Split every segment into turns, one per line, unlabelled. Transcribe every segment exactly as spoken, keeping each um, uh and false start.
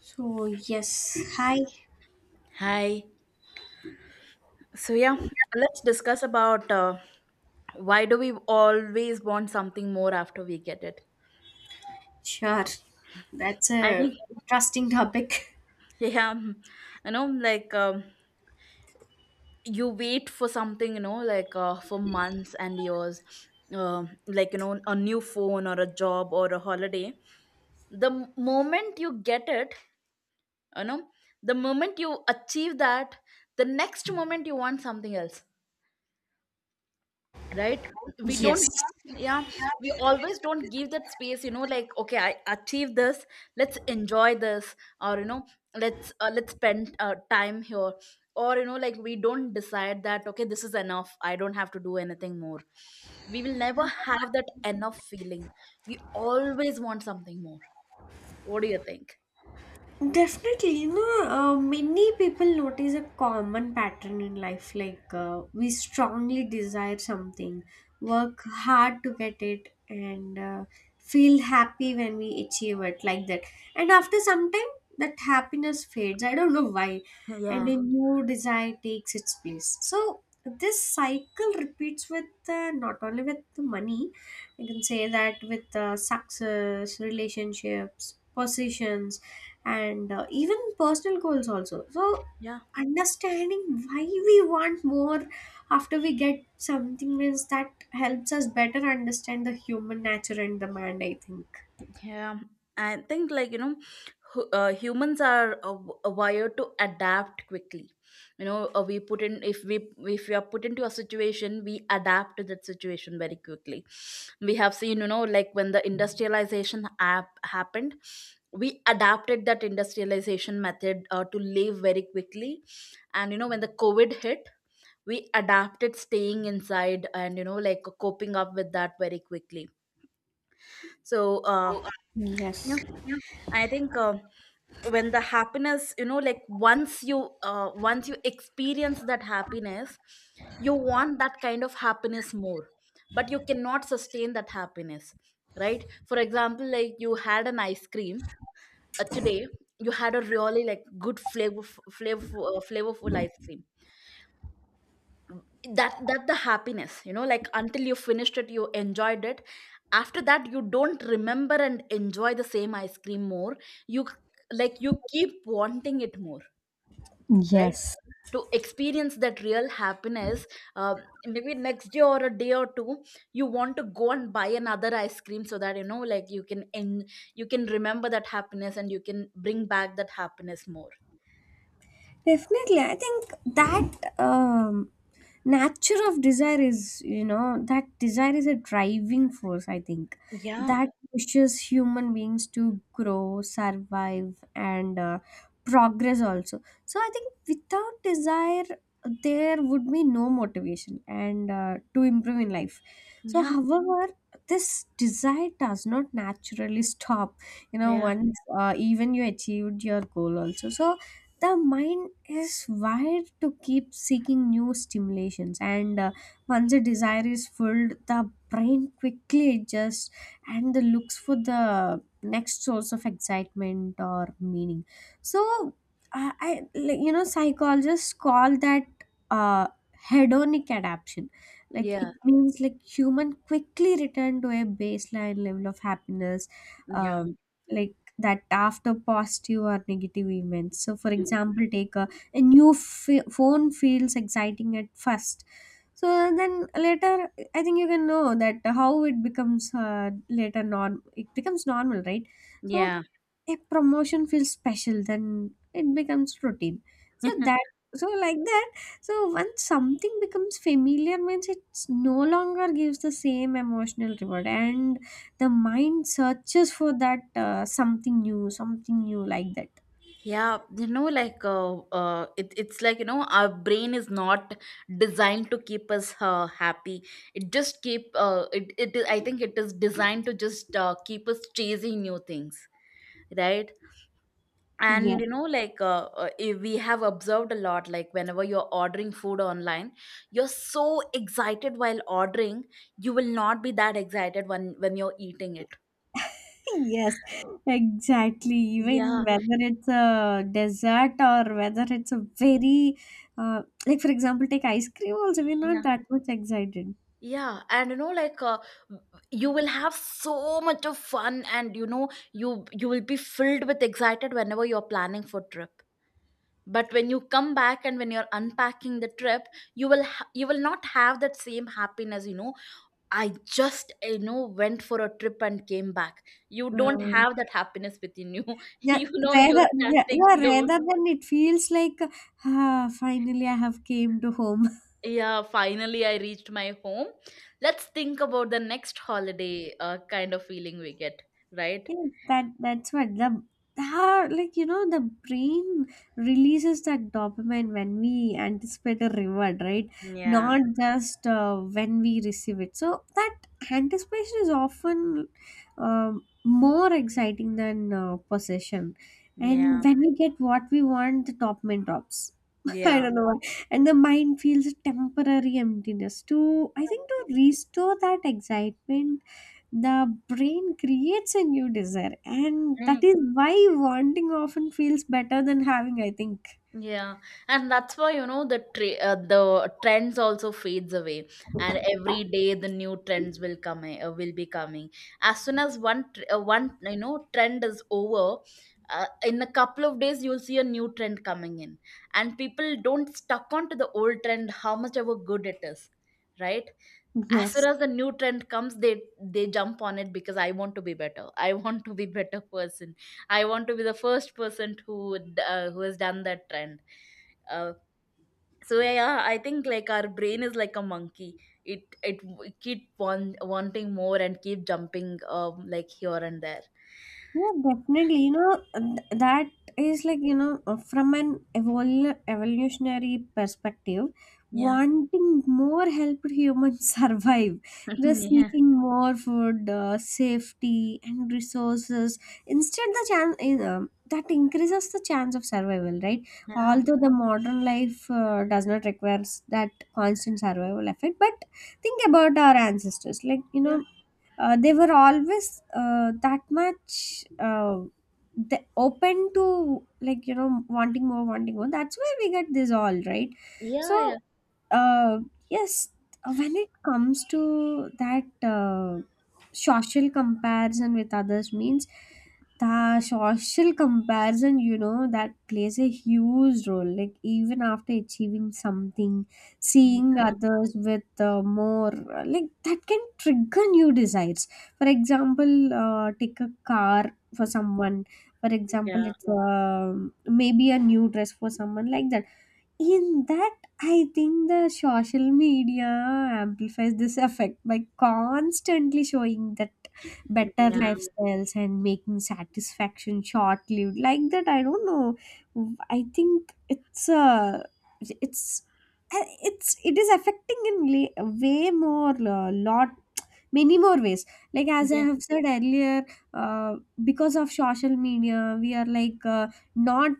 So, yes, hi.
Hi. So yeah, let's discuss about uh, why do we always want something more after we get it?
Sure. That's
I
a
think,
interesting topic.
yeah, mm, you know, like um, you wait for something, you know, like uh, for months and years, uh, like you know, a new phone or a job or a holiday. The m- moment you get it, you know, the moment you achieve that, the next moment you want something else, right? We
Yes.
don't, yeah, we always don't give that space, you know like okay, I achieved this, let's enjoy this, or you know let's uh, let's spend uh, time here, or you know like we don't decide that okay, this is enough, I don't have to do anything more. We will never have that enough feeling. We always want something more. What do you think?
Definitely, no. Uh, many people notice a common pattern in life, like uh, we strongly desire something, work hard to get it, and uh, feel happy when we achieve it, like that. And after some time, that happiness fades. I don't know why, and
Yeah,
a new desire takes its place. So this cycle repeats with uh, not only with the money. You can say that with uh, success, relationships, positions, and uh, even personal goals also. So
yeah,
understanding why we want more after we get something means that helps us better understand the human nature and demand, i think
yeah, I think, like you know, hu- uh, humans are uh, w- uh, wired to adapt quickly. You know, uh, we put in if we if we are put into a situation, we adapt to that situation very quickly. We have seen, you know, like when the industrialization app happened, we adapted that industrialization method uh, to live very quickly. And you know, when the COVID hit, we adapted staying inside, and you know, like coping up with that very quickly. So, uh,
Yes.
yeah, I think. Uh, when the happiness, you know like once you uh, once you experience that happiness, you want that kind of happiness more, but you cannot sustain that happiness, right? For example, like you had an ice cream, uh, today. You had a really, like, good flavor flavorful, uh, flavorful ice cream. That that the happiness, you know like until you finished it, you enjoyed it. After that, you don't remember and enjoy the same ice cream more. you c- like you keep wanting it more, right?
Yes.
To experience that real happiness, um, maybe next day or a day or two, you want to go and buy another ice cream, so that you know like you can en- you can remember that happiness, and you can bring back that happiness more.
Definitely, I think that um, nature of desire is, you know that desire is a driving force, i think
Yeah,
that pushes human beings to grow, survive, and uh, progress also. So I think without desire there would be no motivation, and uh, to improve in life. So
yeah,
however, this desire does not naturally stop, you know,
yeah,
once uh, even you achieved your goal also. So the mind is wired to keep seeking new stimulations, and uh, once a desire is filled, the brain quickly adjusts and the looks for the next source of excitement or meaning. So uh, I, like, you know, psychologists call that uh, hedonic adaptation. Like,
yeah,
it means like human quickly return to a baseline level of happiness,
yeah,
uh, like that, after positive or negative events. So for example, take a, a new f- phone feels exciting at first. So then later, I think you can know that how it becomes, uh, later, norm, it becomes normal, right? So
yeah.
a promotion feels special, then it becomes routine. So that, so like that. So once something becomes familiar means it's no longer gives the same emotional reward, and the mind searches for that uh, something new, something new, like that.
Yeah, you know, like uh, uh, it, it's like, you know, our brain is not designed to keep us uh, happy. It just keep uh, it it. I think it is designed to just uh, keep us chasing new things, right? And
Yes.
you know, like uh, uh, eh, we have observed a lot, like whenever you're ordering food online, you're so excited while ordering, you will not be that excited when when you're eating it.
Yes, exactly.
Yeah,
Even whether it's a dessert or whether it's a very uh, like, for example, take ice cream also, we're not
yeah.
that much excited.
Yeah, and you know, like uh, you will have so much of fun, and you know, you you will be filled with excited whenever you're planning for trip. But when you come back and when you're unpacking the trip, you will ha- you will not have that same happiness. You know, I just you know went for a trip and came back. You don't
um,
have that happiness within you.
yeah,
You know,
rather,
you'll start
yeah yeah,
thinking about,
rather than, it feels like, ah, finally I have came to home.
yeah, finally I reached my home. Let's think about the next holiday, uh, kind of feeling we get, right?
Yes, that that's what the, how, like you know, the brain releases that dopamine when we anticipate a reward, right?
Yeah,
Not just uh, when we receive it. So that anticipation is often um more exciting than uh, possession.
yeah,
And when we get what we want, the dopamine drops. I
yeah.
don't know why. And the mind feels a temporary emptiness. To, I think, to restore that excitement, the brain creates a new desire, and that
Mm,
is why wanting often feels better than having, i think
yeah, and that's why you know the tra- uh, the trends also fades away, and every day the new trends will come i- uh, will be coming. As soon as one tr- uh, one you know trend is over, uh, in a couple of days you'll see a new trend coming in, and people don't stuck on to the old trend, how much ever good it is, right? As soon
Yes.
as the new trend comes, they they jump on it, because I want to be better, I want to be better person. I want to be the first person who d- uh, who has done that trend, uh, so yeah, yeah, I think, like our brain is like a monkey. It it, w- keep want, wanting more and keep jumping um like here and there.
Yeah, definitely. You know, th- that is like, you know, uh, from an evol- evolutionary perspective,
Yeah,
wanting more helped humans survive. They're
yeah,
seeking more food, uh, safety, and resources. Instead, the chance, uh, that increases the chance of survival, right?
yeah,
Although the modern life uh, does not require s- that constant survival effort, but think about our ancestors. Like, you
yeah,
know, uh, they were always uh, that much uh, the open to, like you know, wanting more, wanting more. That's why we get this all, right?
yeah,
So uh, yes, uh, when it comes to that uh, social comparison with others, means the social comparison, you know, that plays a huge role. Like, even after achieving something,
yeah,
seeing
yeah,
others with uh, more, uh, like, that can trigger new desires. For example, uh, take a car for someone. For example, it's um maybe a new dress for someone, like that. In that, I think the social media amplifies this effect by constantly showing that better
yeah,
lifestyles and making satisfaction short lived, like that, I don't know. I think it's uh it's uh, it's it is affecting in la- way more, uh, lot, many more ways, like as I
yeah,
have said earlier. uh, because of social media, we are like, uh, not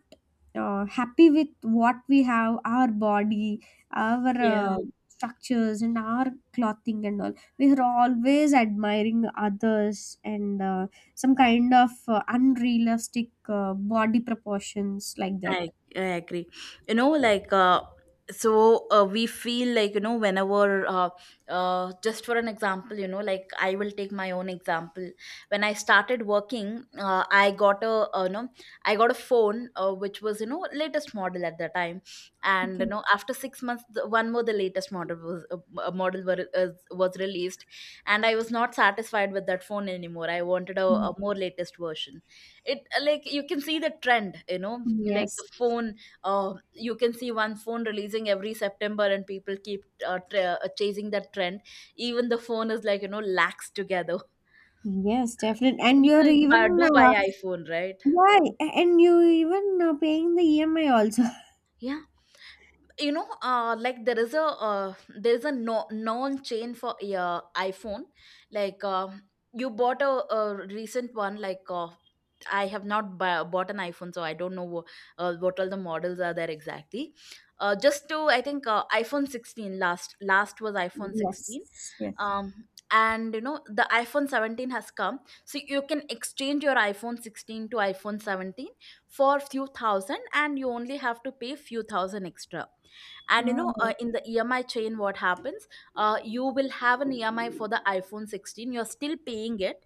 uh, happy with what we have, our body, our
yeah.
uh, structures and our clothing and all. We are always admiring others and uh, some kind of uh, unrealistic uh, body proportions, like that.
I, I agree. You know, like, uh, so, uh, we feel like, you know, whenever, uh, uh, just for an example, you know, like I will take my own example. When I started working, uh, I got a, uh, no, I got a phone, uh, which was, you know, latest model at the time. And, you
Okay.
know, after six months, the, one more, the latest model was, uh, uh, model were, uh, was released. And I was not satisfied with that phone anymore. I wanted a, a more latest version. It uh, Like you can see the trend, you know? Like the
Yes,
phone, uh, you can see one phone releasing every September, and people keep uh, tra- uh, chasing that trend. Even the phone is, like, you know lax together.
yes, definitely. And you're
People buy,
even
do buy
uh,
iPhone, right?
yeah. A- and you even uh, paying the E M I also.
Yeah, you know uh like there is a uh there's a no known chain for uh iPhone. Like, uh, you bought a, a recent one, like, uh I have not bu bought an iPhone, so I don't know wh- uh, what all the models are there exactly. Uh, just to, I think, uh, iPhone sixteen, last last was iPhone sixteen.
Yes, yes.
Um, and you know the iPhone seventeen has come, so you can exchange your iPhone sixteen to iPhone seventeen for few thousand, and you only have to pay few thousand extra. And you know uh,
Oh,
in the E M I chain, what happens? Uh, you will have an E M I for the iPhone sixteen. You're still paying it,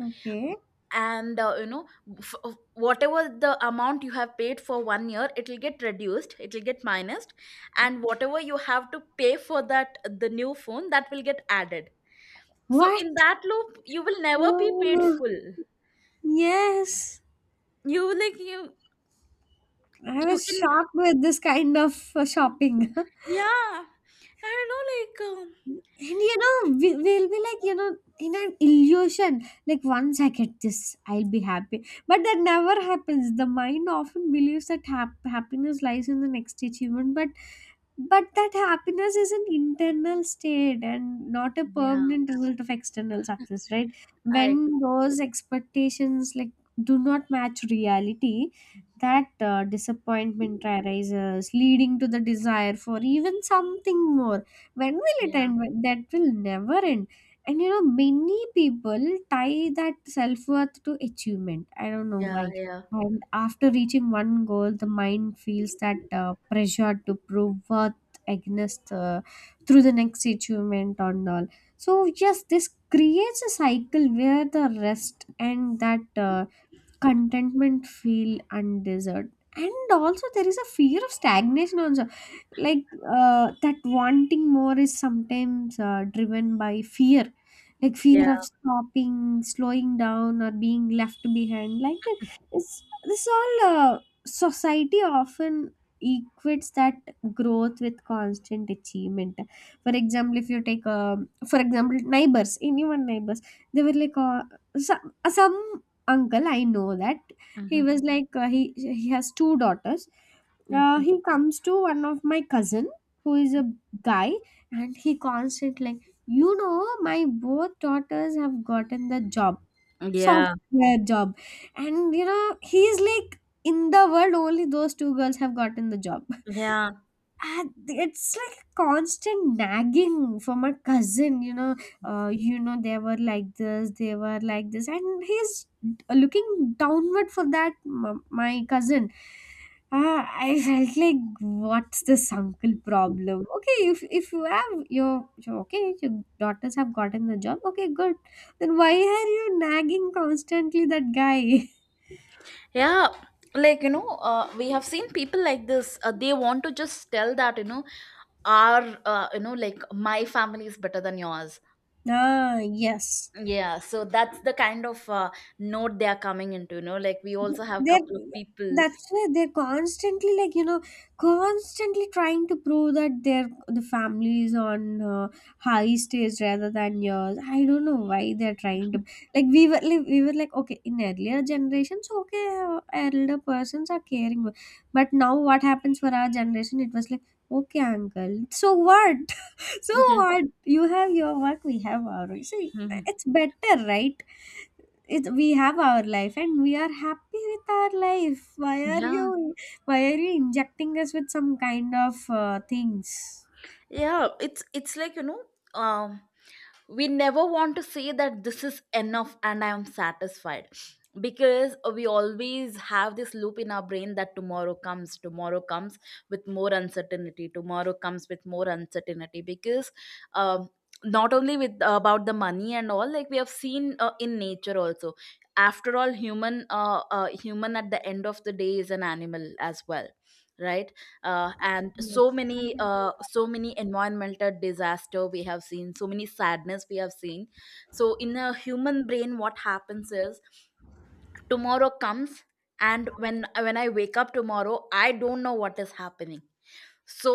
okay.
and uh, you know f- f- whatever the amount you have paid for one year, it will get reduced, it will get minused, and whatever you have to pay for that the new phone, that will get added. So
What?
in that loop, you will never be paid
Oh,
full.
yes.
You like you
I
you
was
can
shocked with this kind of uh, shopping. And
yeah. I don't know, like, um,
you know, we, we'll be like, you know, in an illusion, like once I get this, I'll be happy. But that never happens. The mind often believes that hap- happiness lies in the next achievement, but but that happiness is an internal state and not a
yeah,
permanent result of external success, right?
I agree.
When those expectations, like, do not match reality, that uh, disappointment arises, leading to the desire for even something more. When will it
Yeah,
end? When- that will never end. And you know, many people tie that self-worth to achievement, I don't know
yeah,
why.
yeah,
And after reaching one goal, the mind feels that uh, pressure to prove worth, Agnes, uh, through the next achievement and all. So yes, this creates a cycle where the rest and that uh, contentment feel undeserved. And also there is a fear of stagnation also. Like, uh, that wanting more is sometimes uh, driven by fear, like
yeah.
fear of stopping, slowing down, or being left behind, like that. It's this all uh, society often equates that growth with constant achievement. For example, if you take, um for example, neighbors, anyone neighbors, they were like, uh, some, some uncle I know. That he
Hmm,
was like, uh, he he has two daughters. Uh,
hmm.
he comes to one of my cousin who is a guy, and he constantly, you know, my both daughters have gotten the job,
Yeah,
software job. And you know, he's like, in the world only those two girls have gotten the job,
yeah.
and it's like constant nagging from a cousin, you know. Uh, you know, they were like this, they were like this, and he's looking downward for that m- my cousin. uh, I felt like, what's this uncle problem? Okay, if if you have your, your okay, your daughters have gotten the job, okay, good, then why are you nagging constantly that guy?
Yeah, like you know, uh, we have seen people like this. Uh, they want to just tell that, you know, our uh, you know, like my family is better than yours.
Ah, yes.
Yeah, so that's the kind of uh, note they are coming into. You know, like we
Th-
also have
they're,
couple of people.
that's why they're constantly, like, you know, constantly trying to prove that their the family is on uh, high stage rather than yours. I don't know why they're trying to, like we were like, we were like, okay, in earlier generations, okay, uh, elder persons are caring, but now what happens for our generation, it was like, okay, uncle, so what? So
Mhm,
what, you have your work, we have our work. See,
mhm.
it's better, right? It, we have our life, and we are happy with our life. Why are
Yeah,
you, why are you injecting us with some kind of uh, things?
yeah. It's it's like, you know, um, we never want to say that this is enough and I am satisfied, because we always have this loop in our brain that tomorrow comes, tomorrow comes with more uncertainty, tomorrow comes with more uncertainty, because um, not only with about the money and all, like we have seen, uh, in nature also. After all, human uh, uh, human at the end of the day is an animal as well, right? Uh, and so many uh, so many environmental disaster we have seen, so many sadness we have seen. So in a human brain, what happens is tomorrow comes. And when when I wake up tomorrow, I don't know what is happening, so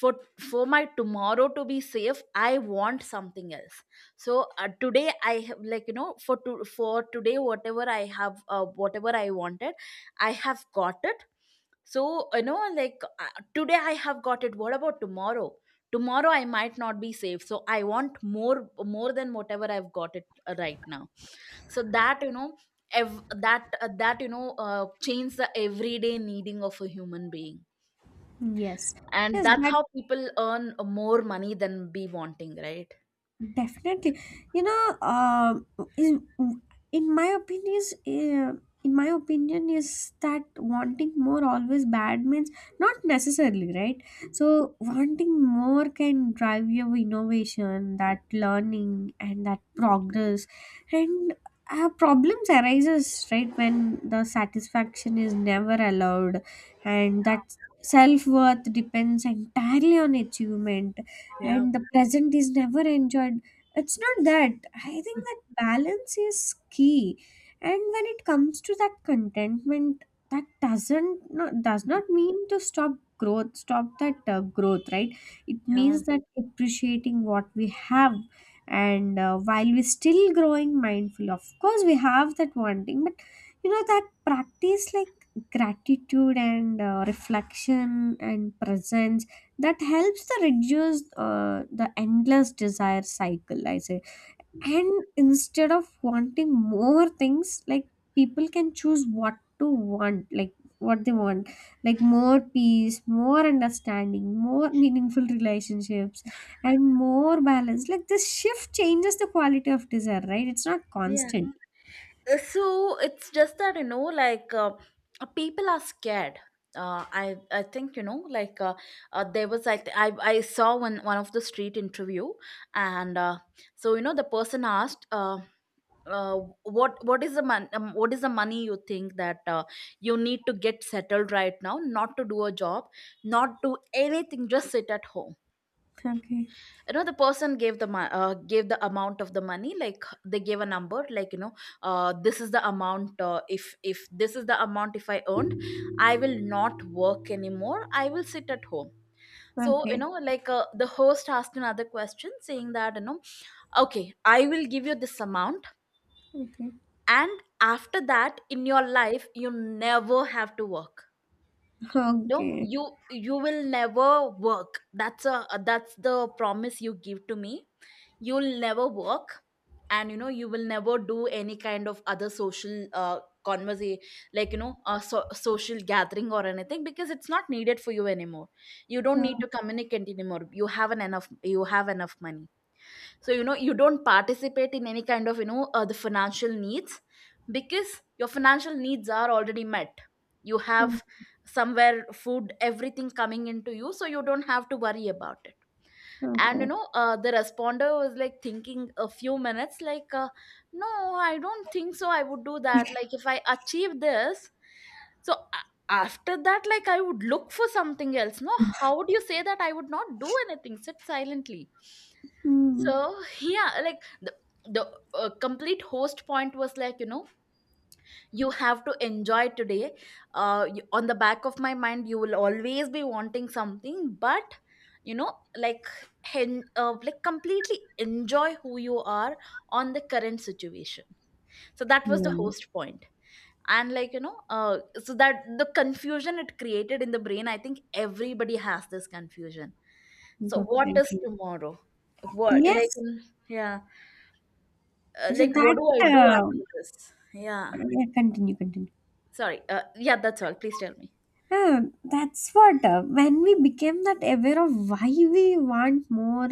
for for my tomorrow to be safe, I want something else. So uh, today I have, like, you know for to, for today, whatever i have uh, whatever I wanted, I have got it. So you know like, uh, today I have got it. What about tomorrow? Tomorrow I might not be safe, so I want more more than whatever I've got it, uh, right now. So that you know ev- that uh, that you know uh, change the everyday needing of a human being.
Yes,
And
yes,
that's
that,
how people earn more money than be wanting, right?
definitely. You know, um, in in my opinion is, uh, in my opinion is that, wanting more always bad means not necessarily, right. So wanting more can drive your innovation, that learning and that progress, and uh, problems arises right when the satisfaction is never allowed, and that self worth depends entirely on achievement,
Yeah,
and the present is never enjoyed. It's not that, I think that balance is key. And when it comes to that contentment, that doesn't, not does not mean to stop growth, stop that uh, growth, right? It
yeah,
means that appreciating what we have, and uh, while we're still growing mindful, of course we have that wanting, but you know that practice like gratitude, and uh, reflection and presence, that helps to reduce uh, the endless desire cycle, I say. And instead of wanting more things, like, people can choose what to want, like, what they want, like more peace, more understanding, more meaningful relationships, and more balance. Like, this shift changes the quality of desire, right? It's not
yeah.
constant.
Uh, so it's just that, you know like uh, uh, people are scared. uh, I I think, you know like uh, uh, there was I, th- I I saw one one of the street interview, and uh, so you know the person asked, uh, uh, what what is the mon- um, what is the money you think that uh, you need to get settled right now, not to do a job, not do anything, just sit at home?
Okay,
You know the person gave the mo- uh, gave the amount of the money, like they gave a number, like you know uh, this is the amount, uh, if if this is the amount, if I earned, I will not work anymore, I will sit at home. So you
okay,
know like, uh, the host asked another question, saying that, you know okay, I will give you this amount,
okay,
and after that, in your life, you never have to work. No,
okay.
you you will never work. That's a that's the promise you give to me. You'll never work. And you know you will never do any kind of other social uh conversation. Like, you know a so- social gathering or anything, because it's not needed for you anymore. You don't need to communicate anymore, you have an enough you have enough money. So you know, you don't participate in any kind of you know uh, the financial needs because your financial needs are already met. You have
Okay,
somewhere food everything coming into you, so you don't have to worry about it. And you
okay.
know uh, the responder was like thinking a few minutes like uh, no, I don't think so, I would do that. Like if I achieve this, so a- after that, like I would look for something else. No, how would you say that? I would not do anything, sit silently.
Hmm.
So yeah, like the the uh, complete host point was like you know, you have to enjoy today. Uh, you, on the back of my mind, you will always be wanting something, but you know like hen, uh, like completely enjoy who you are on the current situation. So that was the
Yes,
host point. And like you know, uh, so that the confusion it created in the brain, I think everybody has this confusion. So what is
definitely.
tomorrow? What like
Yes,
mm, yeah. Uh,
so
like, what
that,
do I do after
um
this? Yeah.
uh, yeah, continue, continue.
Sorry. Uh, yeah, that's all. Please tell me.
Ah, that's what, uh, when we became that aware of why we want more,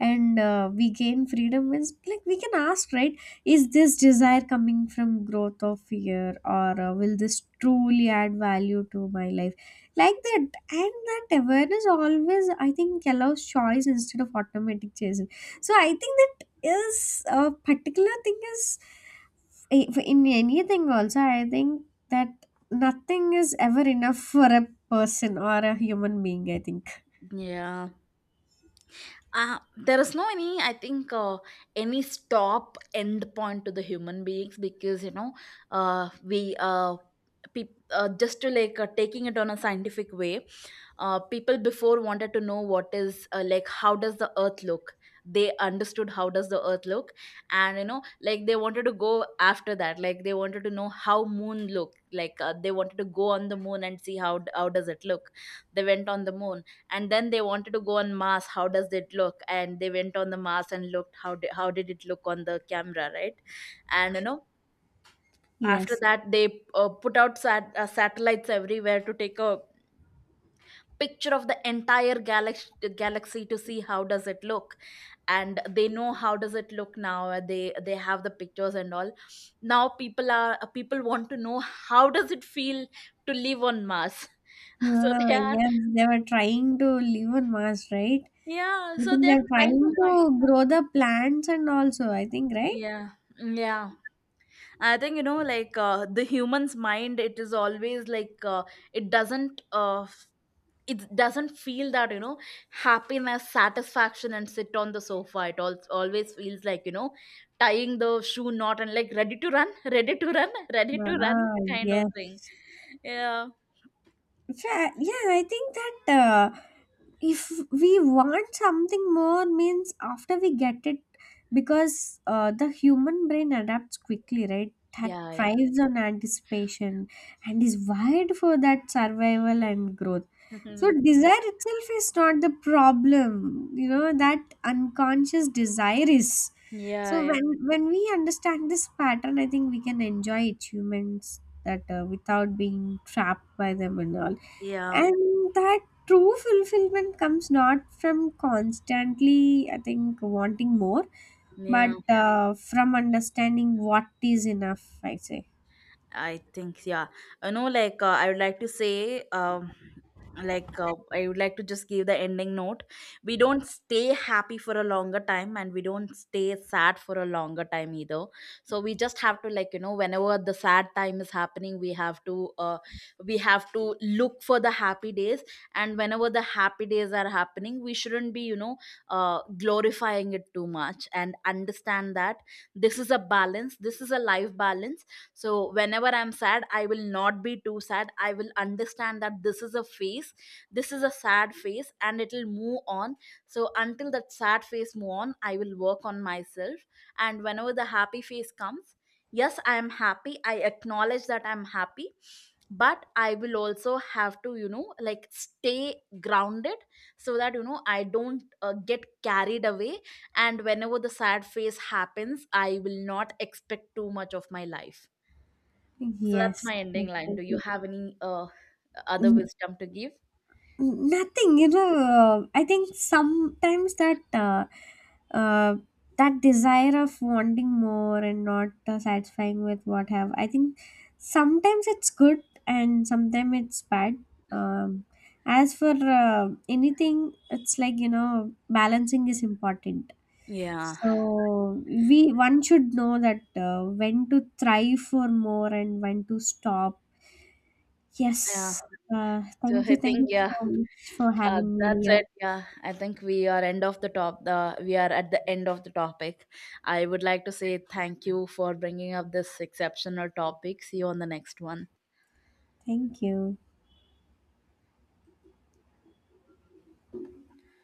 and uh, we gain freedom, is like we can ask, right? Is this desire coming from growth or fear, or uh, will this truly add value to my life, like that? And that awareness always, I think, allows choice instead of automatic chase. So I think that is a particular thing, is in anything also, I think, that nothing is ever enough for a person or a human being, I think.
Yeah. Uh, there is no any I think uh, any stop end point to the human beings because you know uh, we uh, peop uh, just to like uh, taking it on a scientific way. Uh, people before wanted to know what is uh, like how does the earth look. They understood how does the earth look. And you know like, they wanted to go after that. Like they wanted to know how moon look like. Uh, they wanted to go on the moon and see how how does it look. They went on the moon. And then they wanted to go on mars, how does it look. And they went on the mars and looked how did, how did it look on the camera, right? And you know, after
Yes.
that they uh, put out sat- uh, satellites everywhere to take a picture of the entire galaxy galaxy to see how does it look. And they know how does it look. Now uh, they they have the pictures and all. Now people are, uh, people want to know how does it feel to live on mars. So
Ah,
they are,
yes, they were trying to live on Mars, right?
yeah,
I
so
think
they're
they're
trying to.
trying to grow the plants and also, I think, right?
Yeah, yeah. I think you know, like uh, the human's mind, it is always like uh, it doesn't uh, f- it doesn't feel that you know happiness, satisfaction, and sit on the sofa. It al- always feels like you know, tying the shoe knot and like ready to run, ready to run, ready to run
Ah,
kind of thing.
yes.
Yeah,
Fa- Yeah, I think that uh, if we want something more means after we get it, because uh, the human brain adapts quickly, right, that
yeah, yeah,
thrives on anticipation and is wired for that survival and growth. So desire itself is not the problem, you know, that unconscious desire is. So
yeah, yeah,
when when we understand this pattern, I think we can enjoy achievements that uh, without being trapped by them and all.
yeah.
And that true fulfillment comes not from constantly, I think, wanting more, but
Yeah.
uh, from understanding what is enough, I say.
I think, yeah. You know, like, uh, I would like to say, um, like, uh, I would like to just give the ending note. We don't stay happy for a longer time and we don't stay sad for a longer time either. So we just have to, like, you know, whenever the sad time is happening, we have to, uh, we have to look for the happy days. And whenever the happy days are happening, we shouldn't be, you know, uh, glorifying it too much and understand that this is a balance, this is a life balance. So whenever I'm sad, I will not be too sad. I will understand that this is a phase, this is a sad phase and it'll move on. So until that sad phase move on, I will work on myself. And whenever the happy phase comes, yes, I am happy, I acknowledge that I'm happy. But I will also have to you know like stay grounded, so that you know, I don't uh, get carried away. And whenever the sad phase happens, I will not expect too much of my life. So that's
Yes.
my ending line. Do you have any uh, other
Definitely.
wisdom to give?
Nothing, you know. Uh, I think sometimes that uh, uh, that desire of wanting more and not uh, satisfying with what have, I think, sometimes it's good and sometimes it's bad. Um, as for uh, anything, it's like you know, balancing is important.
Yeah.
So we one should know that uh, when to thrive for more and when to stop.
Yeah.
Yes. Uh,
So
thank you.
I
Thank
think
you
yeah,
so much for
uh,
having me
that's
here.
it. Yeah, I think we are end of the top. The we are at the end of the topic. I would like to say thank you for bringing up this exceptional topic. See you on the next one.
Thank you.